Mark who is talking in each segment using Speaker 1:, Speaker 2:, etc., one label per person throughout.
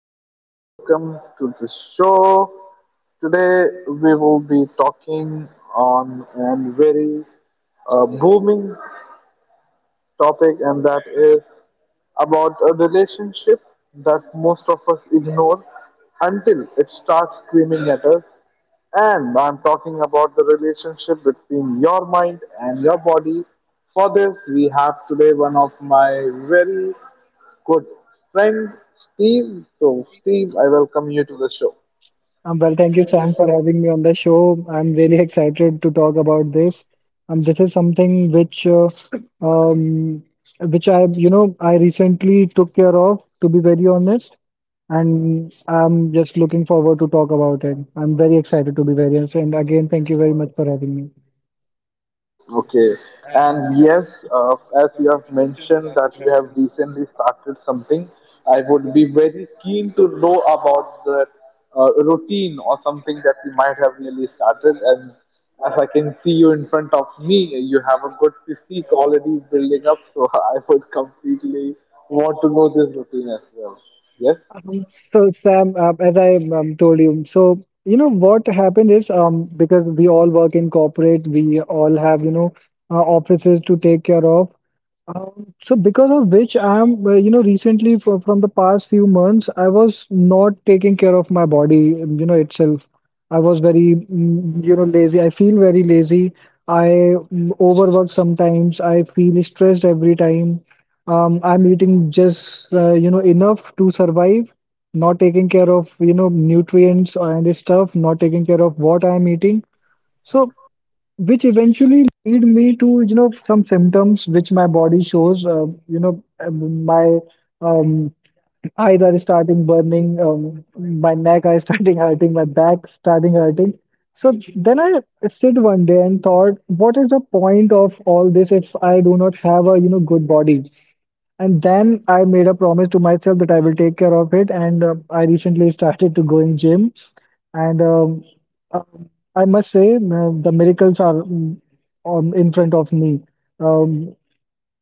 Speaker 1: Hello, welcome to the show. Today we will be talking on a very booming topic, and that is about a relationship that most of us ignore until it starts screaming at us. And I'm talking about the relationship between your mind and your body. For this, we have today one of my very good friend Steve. So, Steve, I welcome you to the show.
Speaker 2: Well, thank you, Sam, for having me on the show. I'm really excited to talk about this. This is something um, which I recently took care of, to be very honest, and I'm just looking forward to talk about it. I'm very excited to be very honest, and again, thank you very much for having me.
Speaker 1: Okay. And yes, as you have mentioned that you have recently started something, I would be very keen to know about the routine or something that you might have really started. And as I can see you in front of me, you have a good physique already building up. So I would completely want to know this routine as well. Yes.
Speaker 2: Um, So Sam, as I told you, so you know what happened is, because we all work in corporate, we all have offices to take care of. So because of which I'm recently from the past few months, I was not taking care of my body, itself. I was very lazy. I feel very lazy. I overwork sometimes. I feel stressed every time. I'm eating just enough to survive, not taking care of nutrients and stuff, not taking care of what I'm eating. So, which eventually lead me to some symptoms which my body shows. My um, eyes are starting burning, my neck are starting hurting, my back starting hurting. So then I sit one day and thought, what is the point of all this if I do not have a good body? And then I made a promise to myself that I will take care of it. And I recently started to go in gym. And um, um, I must say, the miracles are mm, on in front of me. Um,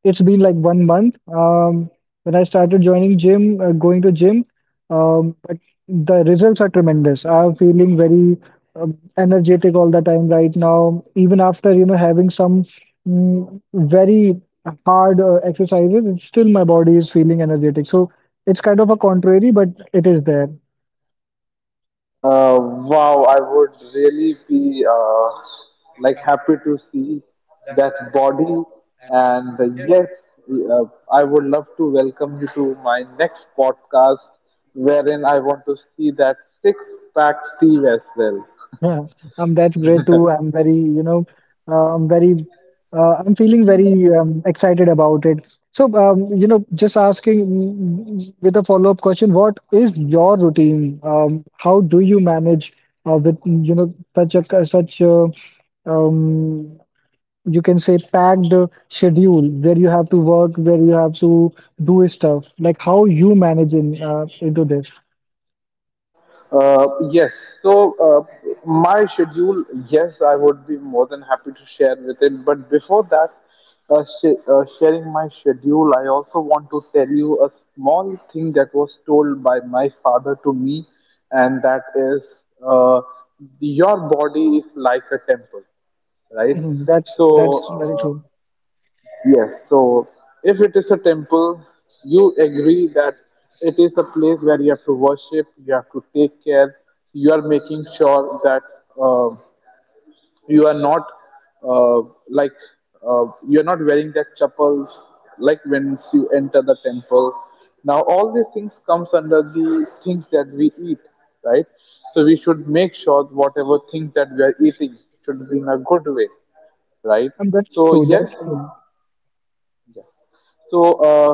Speaker 2: it's been like one month when I started joining gym, going to gym, but the results are tremendous. I'm feeling very energetic all the time right now, even after having some, very hard exercises. It's still my body is feeling energetic. So it's kind of a contrary, but it is there.
Speaker 1: Wow, I would really be like happy to see that body. And yes, uh, I would love to welcome you to my next podcast, wherein I want to see that six pack Steve as well.
Speaker 2: Yeah, that's great too. Uh, I'm very, I'm feeling very excited about it. So, just asking, with a follow-up question, what is your routine? How do you manage, with, such a, um, you can say, packed schedule where you have to work, where you have to do stuff? Like how you manage in into this?
Speaker 1: Yes. So my schedule, yes, I would be more than happy to share with it. But before that, sharing my schedule, I also want to tell you a small thing that was told by my father to me, and that is, your body is like a temple, right?
Speaker 2: Mhm. That's very
Speaker 1: So
Speaker 2: true.
Speaker 1: yes, so if it is a temple, you agree that it is a place where you have to worship, you have to take care, you are making sure that uh, you are not uh, like you are not wearing that chappals like when you enter the temple. Now all these things comes under the things that we eat, right? So we should make sure whatever things that we are eating should be in a good way, right?
Speaker 2: And that's
Speaker 1: So
Speaker 2: true.
Speaker 1: yes,
Speaker 2: That's true.
Speaker 1: so uh,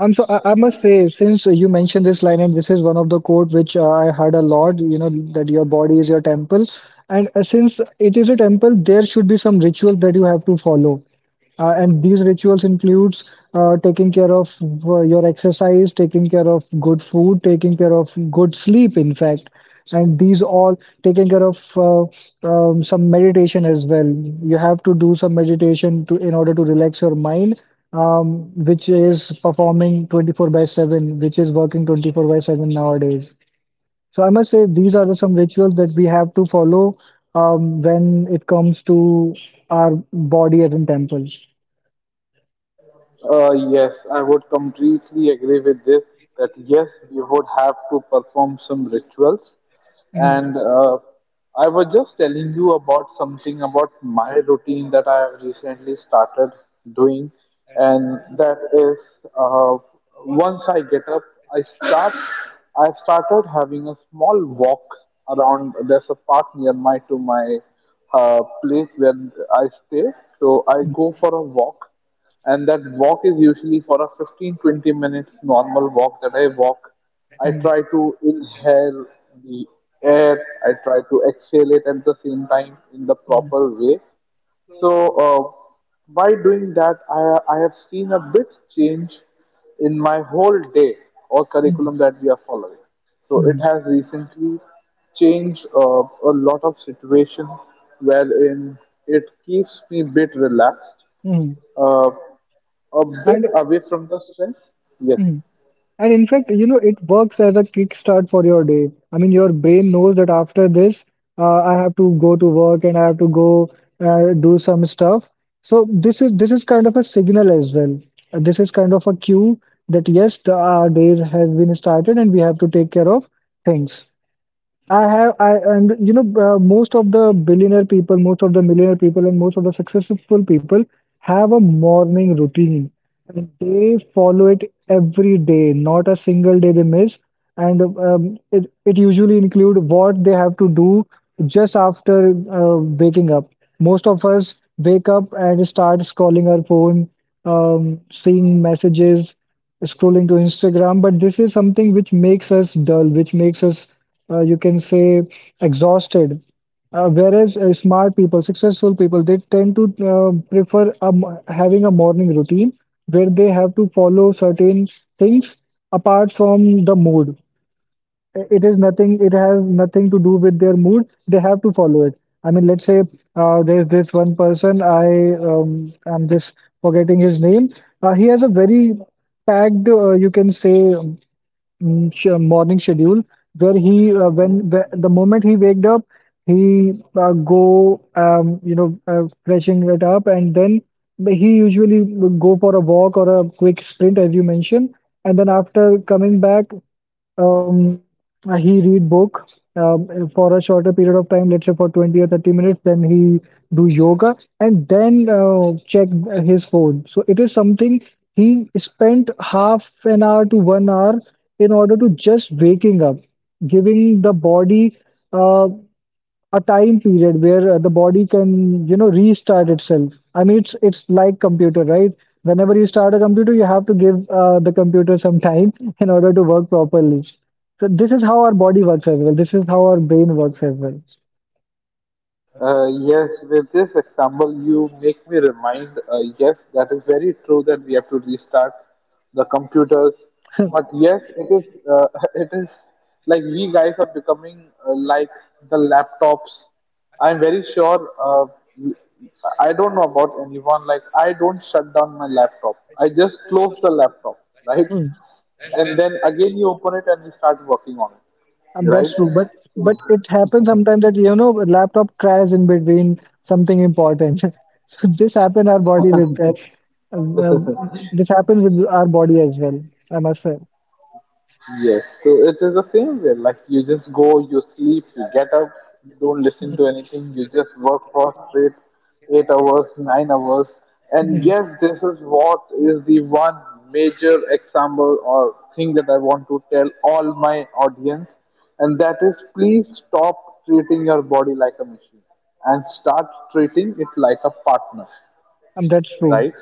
Speaker 2: So I must say, since you mentioned this line, and this is one of the quote which I heard a lot, that your body is your temple. And since it is a temple, there should be some rituals that you have to follow. And these rituals includes taking care of your exercise, taking care of good food, taking care of good sleep, in fact. And these all taking care of, some meditation as well. You have to do some meditation to in order to relax your mind, which is performing 24 by 7, which is working 24 by 7 nowadays. So I must say, these are some rituals that we have to follow, when it comes to our body as in temple.
Speaker 1: Yes, I would completely agree with this that yes, we would have to perform some rituals.
Speaker 2: Mhm,
Speaker 1: And I was just telling you about something about my routine that I have recently started doing, and that is uh, once I get up, I start. I started having a small walk around. There's a park near my place where I stay, so I
Speaker 2: mhm,
Speaker 1: go for a walk, and that walk is usually for a 15, 20 minutes normal walk that I walk. I
Speaker 2: mhm,
Speaker 1: try to inhale the air. I try to exhale it at the same time in the proper way. So uh, by doing that, I have seen a big change in my whole day or
Speaker 2: mhm,
Speaker 1: curriculum that we are following. So it
Speaker 2: mhm,
Speaker 1: has recently changed a lot of situations wherein it keeps me a bit relaxed,
Speaker 2: mhm.
Speaker 1: uh, a bit
Speaker 2: And
Speaker 1: away from the stress. Yes.
Speaker 2: mm-hmm. And in fact, it works as a kickstart for your day. I mean, your brain knows that after this, I have to go to work and I have to go do some stuff. So this is kind of a signal as well. This is kind of a cue that yes, our day has been started and we have to take care of things. I have, I and you know, most of the billionaire people, most of the millionaire people, and most of the successful people have a morning routine and they follow it every day, not a single day they miss. And it usually include what they have to do just after waking up. Most of us wake up and start scrolling our phone, seeing messages, scrolling to Instagram. But this is something which makes us dull, which makes us, you can say, exhausted. Whereas smart people, successful people, they tend to prefer, having a morning routine where they have to follow certain things apart from the mood. It is nothing, it has nothing to do with their mood. They have to follow it. I mean, let's say, there's this one person, I'm just forgetting his name. He has a very packed, you can say, morning schedule where when the moment he waked up, he go freshing it up, and then he usually would go for a walk or a quick sprint, as you mentioned. And then after coming back, um, he read book, for a shorter period of time, let's say for 20 or 30 minutes. Then he do yoga and then check his phone. So it is something, he spent half an hour to one hour in order to just waking up, giving the body. Uh, a time period where the body can restart itself. I mean, it's like computer, right? Whenever you start a computer, you have to give the computer some time in order to work properly. So this is how our body works as well. This is how our brain works as well.
Speaker 1: Yes, with this example, you make me remind, yes, that is very true that we have to restart the computers. But yes, it is, it is like we guys are becoming like the laptops. I'm very sure, I don't know about anyone, like, I don't shut down my laptop. I just close the laptop, right?
Speaker 2: Hmm.
Speaker 1: And then again you open it and you start working on it,
Speaker 2: And
Speaker 1: right?
Speaker 2: that's true, but it happens sometimes that a laptop crashes in between something important. So this happens our body with that. Um, um, this happens with our body as well, I must say.
Speaker 1: Yes, so it is the same way. Like you just go, you sleep, you get up, you don't listen to anything, you just work for straight 8 hours, 9 hours. And
Speaker 2: Hmm.
Speaker 1: yes, this is what is the one major example or thing that I want to tell all my audience, and that is please stop treating your body like a machine and start treating it like a partner,
Speaker 2: That's true.
Speaker 1: right?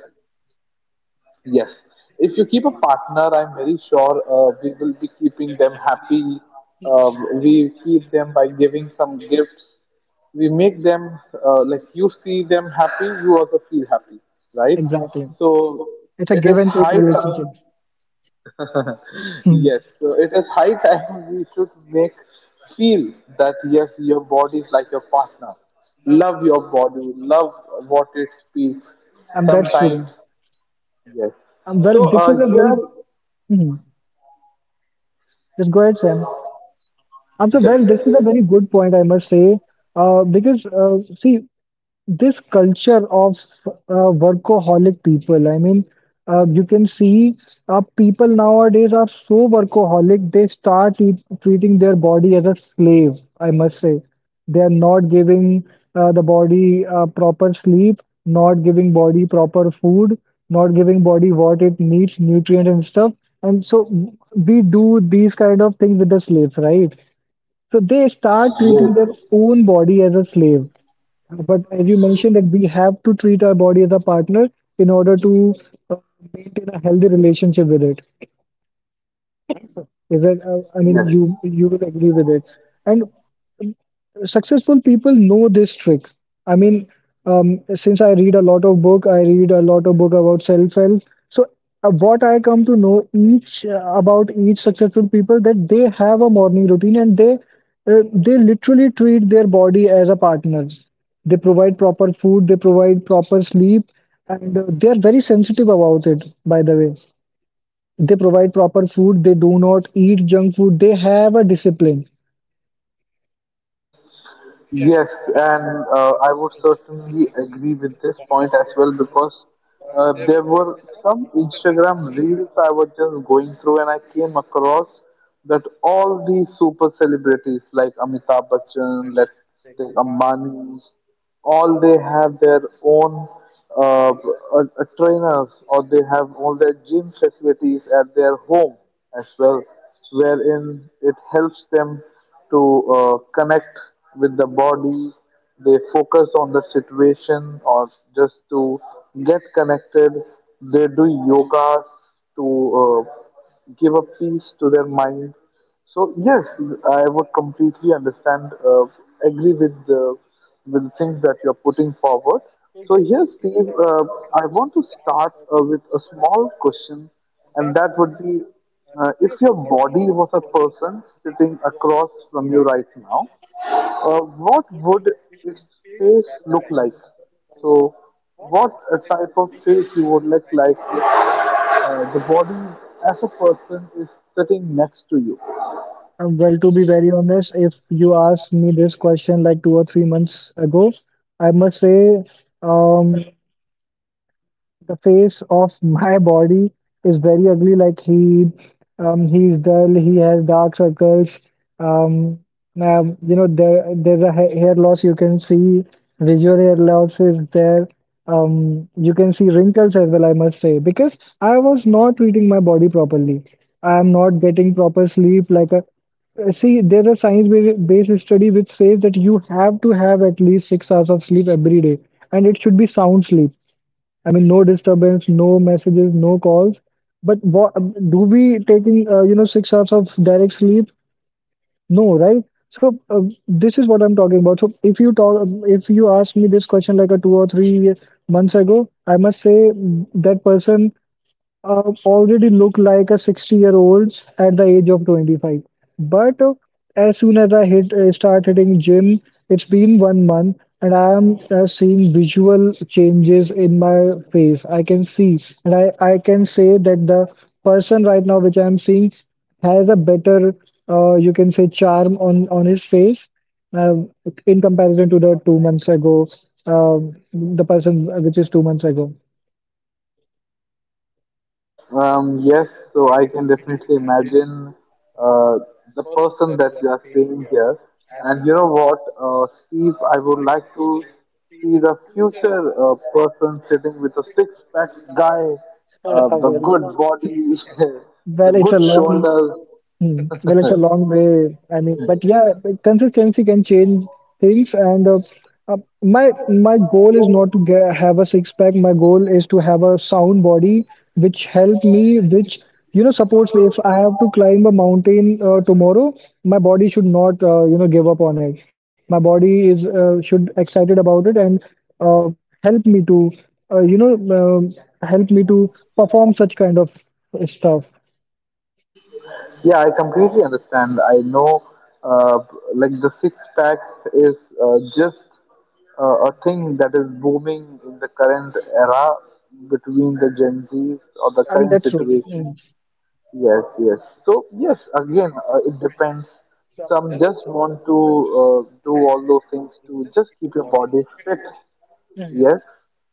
Speaker 1: Yes. If you keep a partner, I'm very sure we will be keeping them happy. We keep them by giving some gifts. We make them, like you see them happy, you also feel happy, right?
Speaker 2: Exactly,
Speaker 1: So
Speaker 2: it's a
Speaker 1: it
Speaker 2: give
Speaker 1: is
Speaker 2: and take
Speaker 1: high time.
Speaker 2: relationship. Hmm.
Speaker 1: Yes. So it is high time we should make feel that yes, your body is like your partner. Love your body. Love what it speaks.
Speaker 2: That's true.
Speaker 1: Sometimes. Yes.
Speaker 2: Well,
Speaker 1: So
Speaker 2: this is a
Speaker 1: here,
Speaker 2: very. Hmm. Just go ahead, Sam. So,
Speaker 1: yes,
Speaker 2: well, this is a very good point, I must say, because, see, this culture of, workaholic people. I mean, you can see, people nowadays are so workaholic, they start treating their body as a slave, I must say. They are not giving the body proper sleep, not giving body proper food, not giving body what it needs, nutrient and stuff. And so we do these kind of things with the slaves, right? So they start treating
Speaker 1: yes,
Speaker 2: their own body as a slave. But as you mentioned, that we have to treat our body as a partner in order to uh, maintain a healthy relationship with it. Is that, I mean,
Speaker 1: yes,
Speaker 2: you will agree with it. And um, successful people know this trick. I mean, um, since I read a lot of book, I read a lot of book about self-help. So what I come to know, each about each successful people, that they have a morning routine and they literally treat their body as a partner. They provide proper food, they provide proper sleep, and they are very sensitive about it, by the way. They provide proper food. They do not eat junk food. They have a discipline.
Speaker 1: yes, and I would certainly agree with this point as well because there were some Instagram reels I was just going through, and I came across that all these super celebrities like Amitabh Bachchan, let's take Ambani, all they have their own trainers, or they have all their gym facilities at their home as well, wherein it helps them to connect with the body. They focus on the situation or just to get connected. They do yogas to give a peace to their mind. So yes, I would completely understand, agree with the things that you're putting forward. So yes, Steve, I want to start with a small question, and that would be, if your body was a person sitting across from you right now, what would its face look like? So, what type of face you would look like if the body as a person is sitting next to you?
Speaker 2: Well, to be very honest, if you asked me this question like 2 or 3 months ago, I must say, um, the face of my body is very ugly. Like, he's dull. He has dark circles. Um, there's a hair loss. You can see, visual hair loss is there. You can see wrinkles as well, I must say, because I was not treating my body properly. I am not getting proper sleep. Like a See, there's a science-based study which says that you have to have at least 6 hours of sleep every day, and it should be sound sleep. I mean, no disturbance, no messages, no calls. But what do we taking, 6 hours of direct sleep? No, right? So this is what I'm talking about. So if you ask me this question like a 2 or 3 months ago, I must say, that person already look like a 60-year-olds at the age of 25. But as soon as I hit start hitting gym, it's been one month, and I am seeing visual changes in my face, I can see. And I can say that the person right now which I am seeing has a better, you can say, charm on his face, uh, in comparison to the 2 months ago, uh, the person which is 2 months ago.
Speaker 1: Yes, so I can definitely imagine uh, the person that you are seeing here. And you know what, Steve, I would like to see the future person sitting with a six pack guy,
Speaker 2: well
Speaker 1: the good body, the
Speaker 2: well it's a
Speaker 1: good
Speaker 2: long
Speaker 1: shoulders,
Speaker 2: Hmm. Well, it's a long way. I mean, but yeah, but consistency can change things. And my my goal is not to get have a six pack. My goal is to have a sound body, which help me, which supports me. If I have to climb a mountain tomorrow, my body should not give up on it. My body is should excited about it and uh, help me to uh, you know um help me to perform such kind of stuff.
Speaker 1: yeah, I completely understand. I know, uh, like the six pack is just a thing that is booming in the current era between the Gen Zs or the
Speaker 2: I mean,
Speaker 1: current
Speaker 2: that's true. Hmm.
Speaker 1: situation. Yes, yes. So yes, again, it depends. Some just want to do all those things to just keep your body fit.
Speaker 2: Mm.
Speaker 1: Yes,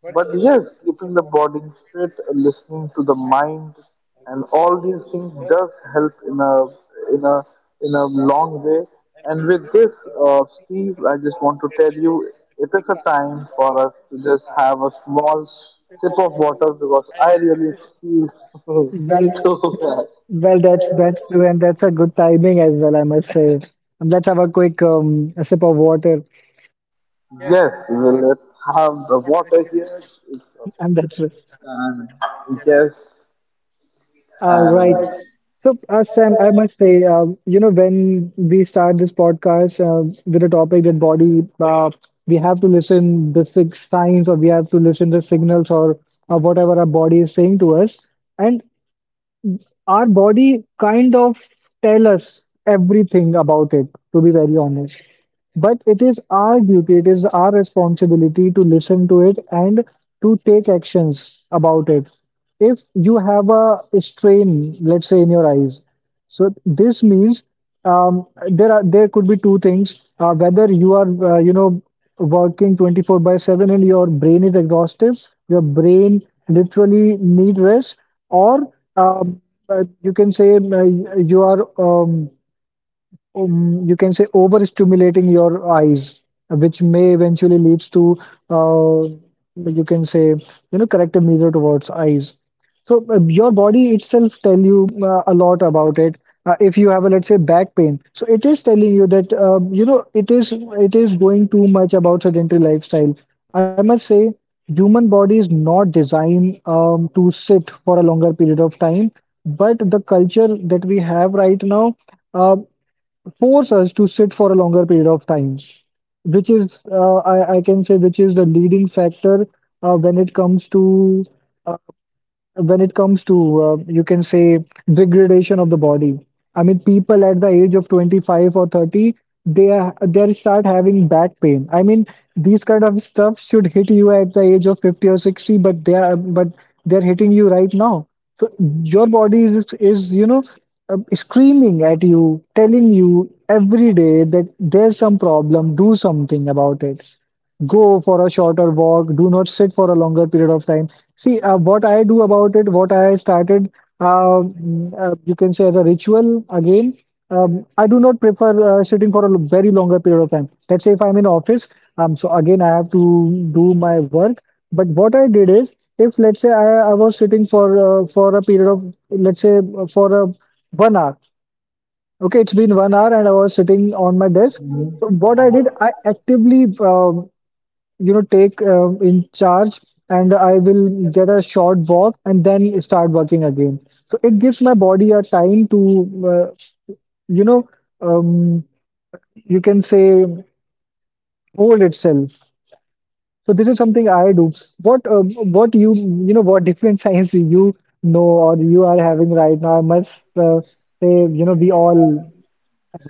Speaker 1: but yes, keeping the body fit, listening to the mind, and all these things does help in a in a long way. And with this, Steve, I just want to tell you, it is a time for us to just have a small sip of water because I really feel
Speaker 2: Well,
Speaker 1: so bad.
Speaker 2: well, that's a good timing as well, I must say. And let's have a quick a sip of water,
Speaker 1: Yes, well, let's have the water here. It's,
Speaker 2: and that's it.
Speaker 1: and yes,
Speaker 2: Right.
Speaker 1: and
Speaker 2: So, Sam, I must say, when we start this podcast with a topic that body, we have to listen the signs, or we have to listen the signals, or whatever our body is saying to us. And our body kind of tell us everything about it, to be very honest. But it is our duty, it is our responsibility to listen to it and to take actions about it. If you have a strain, let's say in your eyes, so this means there could be two things: whether you are working 24 by 7 and your brain is exhausted, your brain literally need rest, or um, you can say you are you can say overstimulating your eyes, which may eventually leads to uh, you can say corrective measure towards eyes. So your body itself tell you a lot about it. If you have a let's say back pain, so it is telling you that it is going too much about sedentary lifestyle. I must say, human body is not designed to sit for a longer period of time, but the culture that we have right now uh, force us to sit for a longer period of time, which is, I can say, which is the leading factor uh, when it comes to uh, when it comes to you can say degradation of the body. I mean people at the age of 25 or 30, they start having back pain. I mean these kind of stuff should hit you at the age of 50 or 60, but they are but they're hitting you right now. So your body is screaming at you, telling you every day that there's some problem. Do something about it. Go for a shorter walk. Do not sit for a longer period of time. See what I do about it, what I started you can say as a ritual. Again, I do not prefer sitting for a very longer period of time. Let's say if I'm in office, so again I have to do my work, but what I did is if let's say I was sitting for for a period of, let's say, for a 1 hour. Okay, it's been 1 hour and I was sitting on my desk. So what I did, I actively take in charge and I will get a short walk and then start working again. So it gives my body a time to uh, you know um, you can say hold itself. So this is something I do. What different science know or you are having right now, I must say, you know, we all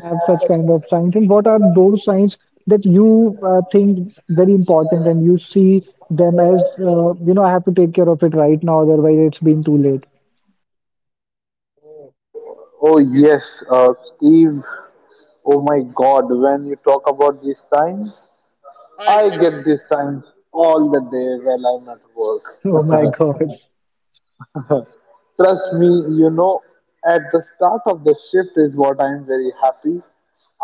Speaker 2: have such kind of signs. And what are those signs that you think very important and you see them as, I have to take care of it right now, otherwise it's been too late.
Speaker 1: oh yes, Steve. Oh my god, when you talk about these signs, I get these signs all the day while I'm at work.
Speaker 2: Oh my god.
Speaker 1: Trust me, you know, at the start of the shift is what I'm very happy.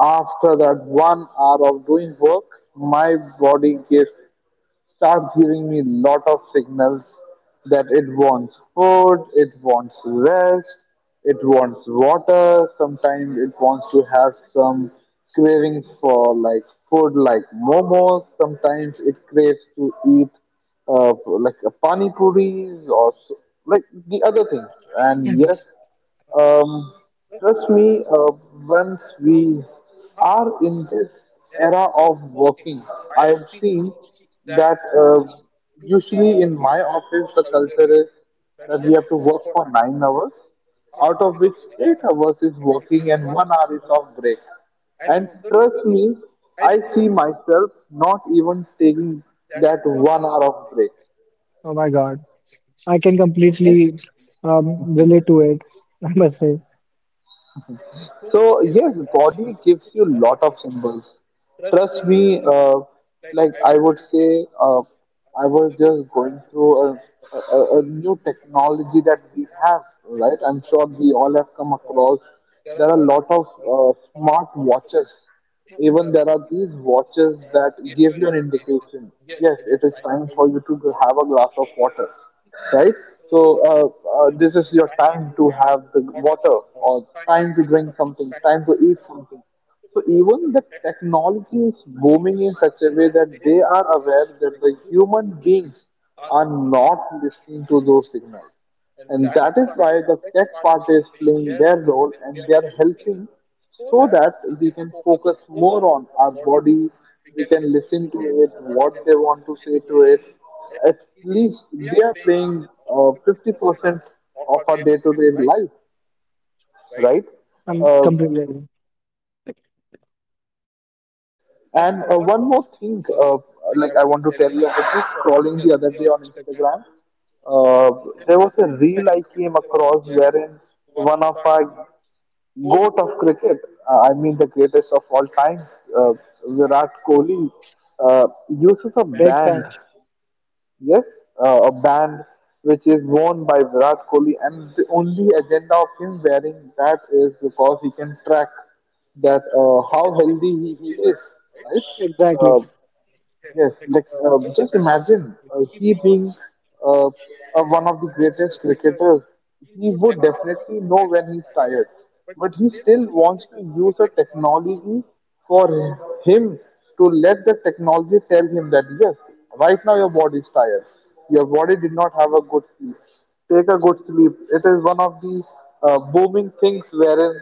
Speaker 1: After that 1 hour of doing work, my body gives starts giving me lot of signals that it wants food, it wants rest, it wants water, sometimes it wants to have some cravings for like food like momos, sometimes it craves to eat like a pani puris or so, like the other things. And yes, um, trust me, once we are in this era of working, I have seen that usually in my office the culture is that we have to work for 9 hours, out of which 8 hours is working and 1 hour is of break. And trust me, I see myself not even taking that 1 hour of break.
Speaker 2: Oh my god, I can
Speaker 1: Okay.
Speaker 2: completely um, relate to it, I must say.
Speaker 1: So yes, body gives you lot of symbols. Trust me, like I would say, I was just going through a new technology that we have, right? I'm sure we all have come across. There are a lot of smart watches. Even there are these watches that give you an indication. Yes, it is time for you to have a glass of water, right? So this is your time to have the water, or time to drink something, time to eat something. So even the technology is booming in such a way that they are aware that the human beings are not listening to those signals. And that is why the tech part is playing their role and they are helping so that we can focus more on our body, we can listen to it, what they want to say to it. At least they are playing 50% of our day-to-day life, right?
Speaker 2: I'm
Speaker 1: uh,
Speaker 2: completely
Speaker 1: And One more thing, like I want to tell you, I was just scrolling the other day on Instagram. There was a reel I came across wherein one of our goat of cricket, I mean the greatest of all times, uh, Virat Kohli, uses a
Speaker 2: big
Speaker 1: band.
Speaker 2: fan.
Speaker 1: Yes, a band which is worn by Virat Kohli, and the only agenda of him wearing that is because he can track that how healthy he is, right?
Speaker 2: Exactly.
Speaker 1: Uh, Yes, like just imagine he being one of the greatest cricketers. He would definitely know when he's tired, but he still wants to use a technology for him to let the technology tell him that yes, right now your body is tired. Your body did not have a good sleep. Take a good sleep. It is one of the booming things wherein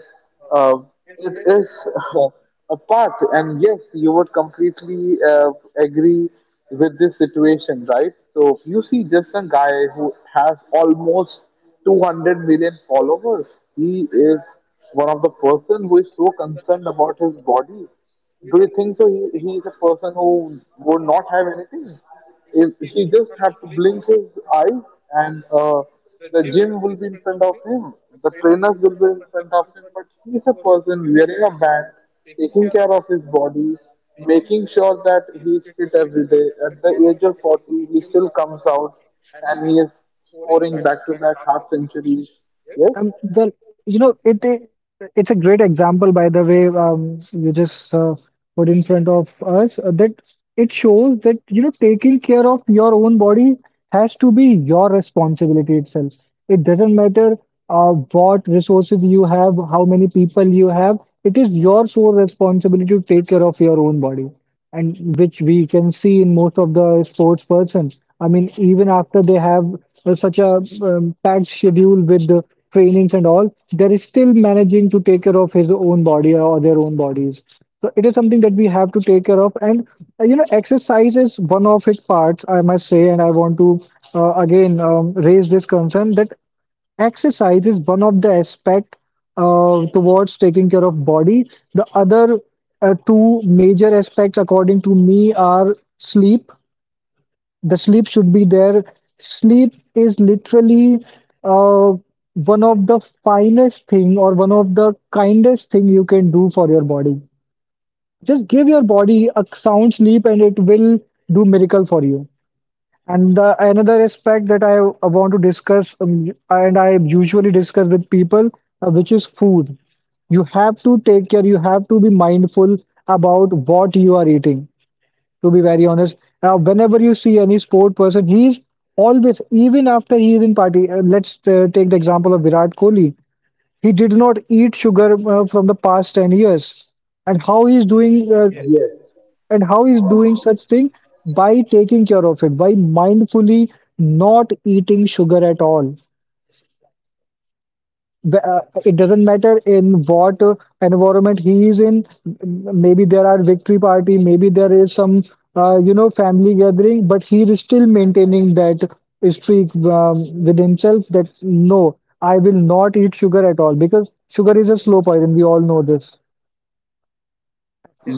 Speaker 1: uh, it is uh, a path, and yes, you would completely agree with this situation, right? So you see, just a guy who has almost 200 million followers, he is one of the person who is so concerned about his body. Do you think so he is a person who would not have anything if he just have to blink his eyes and the gym will be in front of him, the trainers will be in front of him? But he's a person wearing a band, taking care of his body, making sure that he's fit every day. At the age of 40, he still comes out and he is scoring back-to-back half centuries. Yes.
Speaker 2: Well, you know, it's a great example, by the way. You just put in front of us that it shows that you know taking care of your own body has to be your responsibility itself. It doesn't matter what resources you have, how many people you have. It is your sole responsibility to take care of your own body, and which we can see in most of the sports persons. I mean, even after they have such a packed schedule with the trainings and all, there is still managing to take care of his own body or their own bodies. So it is something that we have to take care of, and exercise is one of its parts, I must say. And I want to again raise this concern that exercise is one of the aspect towards taking care of body. The other two major aspects, according to me, are sleep. The sleep should be there. Sleep is literally uh, one of the finest thing or one of the kindest thing you can do for your body. Just give your body a sound sleep and it will do miracle for you. And the another aspect that I want to discuss, and I usually discuss with people, which is food. You have to take care, you have to be mindful about what you are eating, to be very honest. Now, whenever you see any sport person, he is always, even after he is in party, let's take the example of Virat Kohli. He did not eat sugar from the past 10 years. And how he is doing
Speaker 1: Yes,
Speaker 2: and how is doing such thing? By taking care of it, by mindfully not eating sugar at all. It doesn't matter in what environment he is in. Maybe there are victory party, maybe there is some family gathering, but he is still maintaining that streak with himself that no, I will not eat sugar at all because sugar is a slow poison. We all know this.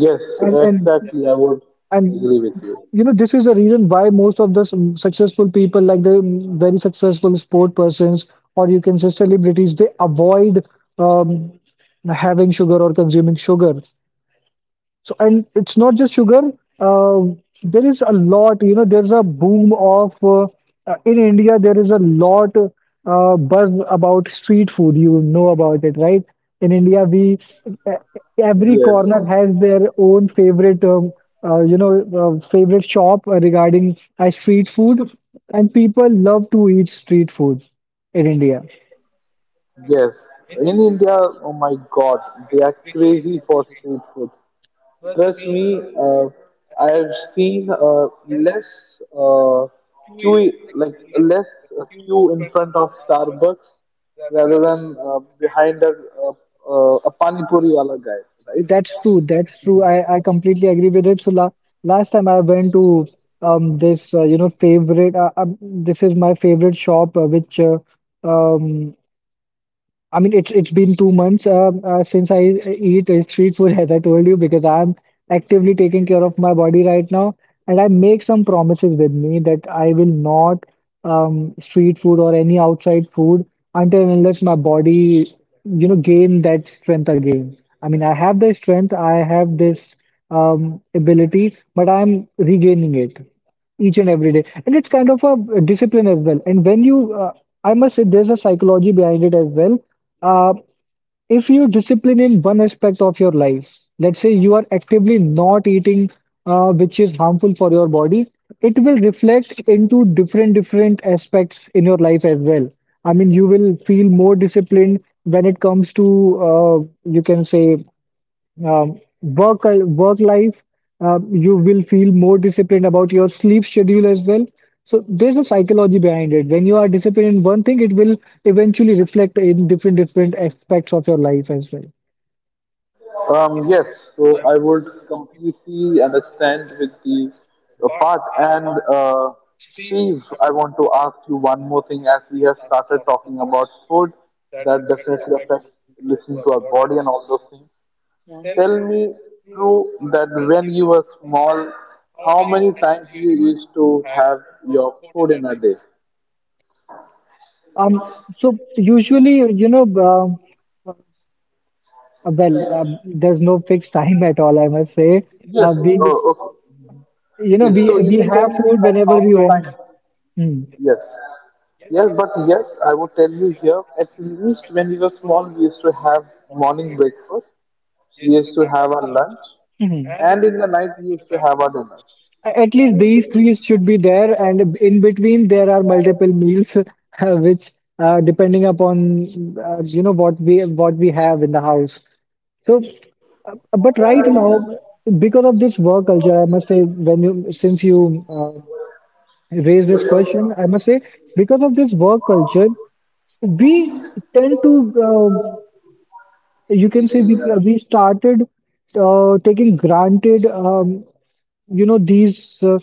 Speaker 1: yes,
Speaker 2: and and
Speaker 1: exactly. I would
Speaker 2: and
Speaker 1: agree with you.
Speaker 2: you know this is the reason why most of the successful people, like the very successful sport persons or you can say celebrities, they avoid um, having sugar or consuming sugar. So, and it's not just sugar. Uh, there is a lot, you know, there's a boom of in India, there is a lot buzz about street food. You know about it, right? In India, we uh, every corner
Speaker 1: Yes.
Speaker 2: has their own favorite, favorite shop regarding street food, and people love to eat street food in India.
Speaker 1: Yes, in India, oh my God, they are crazy for street food. Trust me, I have seen less uh, queue, like less queue in front of Starbucks rather than behind a pani puri wala guy, right?
Speaker 2: That's true. That's true. I completely agree with it. So la last time I went to this favorite this is my favorite shop which um I mean, it's been 2 months, since I eat street food, as I told you, because I'm actively taking care of my body right now, and I make some promises with me that I will not street food or any outside food until and unless my body, you know, gain that strength again. I mean, I have the strength, I have this ability, but I'm regaining it each and every day. And it's kind of a discipline as well. And when you, I must say, there's a psychology behind it as well. Uh, if you discipline in one aspect of your life, let's say you are actively not eating, which is harmful for your body, it will reflect into different different aspects in your life as well. I mean, you will feel more disciplined when it comes to, you can say work life. You will feel more disciplined about your sleep schedule as well. So there's a psychology behind it: when you are disciplined in one thing, it will eventually reflect in different different aspects of your life as well.
Speaker 1: Yes, so I would completely understand with the part. And uh, Steve, I want to ask you one more thing. As we have started talking about food that definitely affects listening to our body and all those things, tell me, true, that when you were small, how many times you used to have your food in a day?
Speaker 2: Um so usually, you know um uh, there's no fixed time at all, I must say.
Speaker 1: Yes,
Speaker 2: We,
Speaker 1: oh, okay.
Speaker 2: you know,
Speaker 1: Yes,
Speaker 2: we
Speaker 1: so you
Speaker 2: we
Speaker 1: can tell
Speaker 2: have
Speaker 1: me,
Speaker 2: food
Speaker 1: like,
Speaker 2: whenever
Speaker 1: how
Speaker 2: we
Speaker 1: many
Speaker 2: want.
Speaker 1: times?
Speaker 2: Hmm.
Speaker 1: Yes. Yes, but yes, I would tell you, here, at least when we were small, we used to have morning breakfast, we used to have our lunch,
Speaker 2: Mhm.
Speaker 1: and in the night, we used to have our dinner.
Speaker 2: A- At least these three should be there, and in between there are multiple meals, which depending upon what we have in the house. So, but right now, because of this work culture, I must say, when you, since you uh, raised this question, I must say, because of this work culture, we tend to, you can say, we started taking granted, these, uh,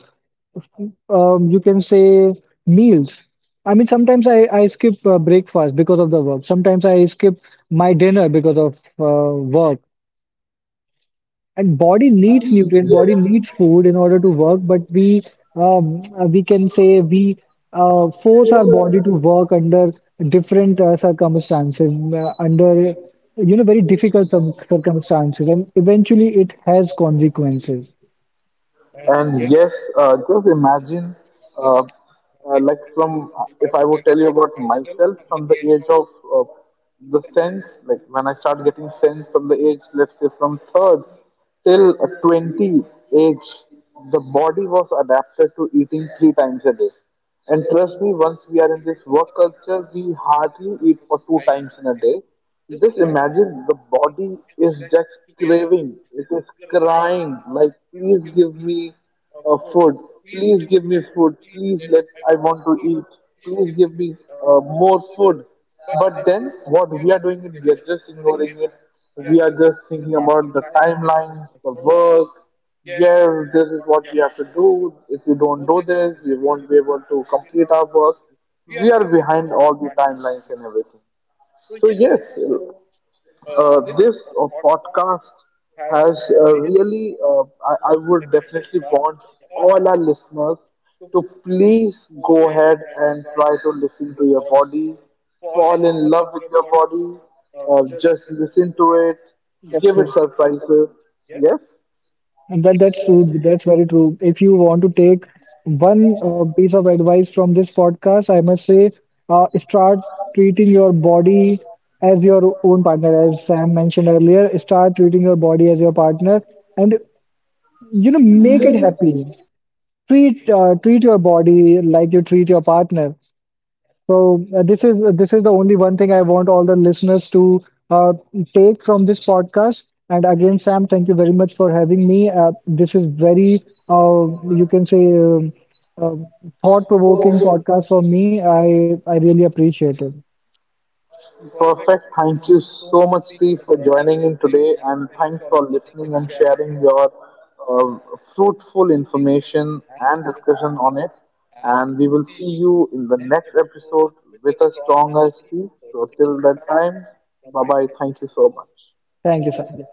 Speaker 2: um, you can say, meals. I mean, sometimes I skip breakfast because of the work. Sometimes I skip my dinner because of work. And body needs nutrient, body
Speaker 1: Yes.
Speaker 2: needs food in order to work, but we we can say we force our body to work under different circumstances, under you know very difficult some circumstances, and eventually it has consequences.
Speaker 1: And yes, just imagine, uh, like, from, if I would tell you about myself, from the age of uh, the sense, like when I start getting sense from the age, let's say from third till 20 age, the body was adapted to eating 3 times a day. And trust me, once we are in this work culture, we hardly eat for 2 times in a day. Just imagine, the body is just craving, it is crying, like, please give me food, please give me food, please let, I want to eat, please give me more food. But then what we are doing is we are just ignoring it. We are just thinking about the timelines, the work. Yes, this is what we have to do. If we don't do this, we won't be able to complete our work. We are behind all the timelines and everything. So yes, this podcast has really, I would definitely want all our listeners to please go ahead and try to listen to your body, fall in love with your body, just listen to it,
Speaker 2: That's
Speaker 1: give it
Speaker 2: so.
Speaker 1: surprises. Yes?
Speaker 2: And that's true. That's very true. If you want to take one piece of advice from this podcast, I must say, start treating your body as your own partner. As Sam mentioned earlier, start treating your body as your partner, and you know, make it happy. Treat your body like you treat your partner. So this is the only one thing I want all the listeners to uh, take from this podcast. And again, Sam, thank you very much for having me. This is very you can say uh, thought-provoking podcast for me. I really appreciate it.
Speaker 1: Perfect. Thank you so much, Steve, for joining in today, and thanks for listening and sharing your uh, fruitful information and discussion on it. And we will see you in the next episode with a stronger Steve. So till that time, bye bye. Thank you so much.
Speaker 2: Thank you, Sam.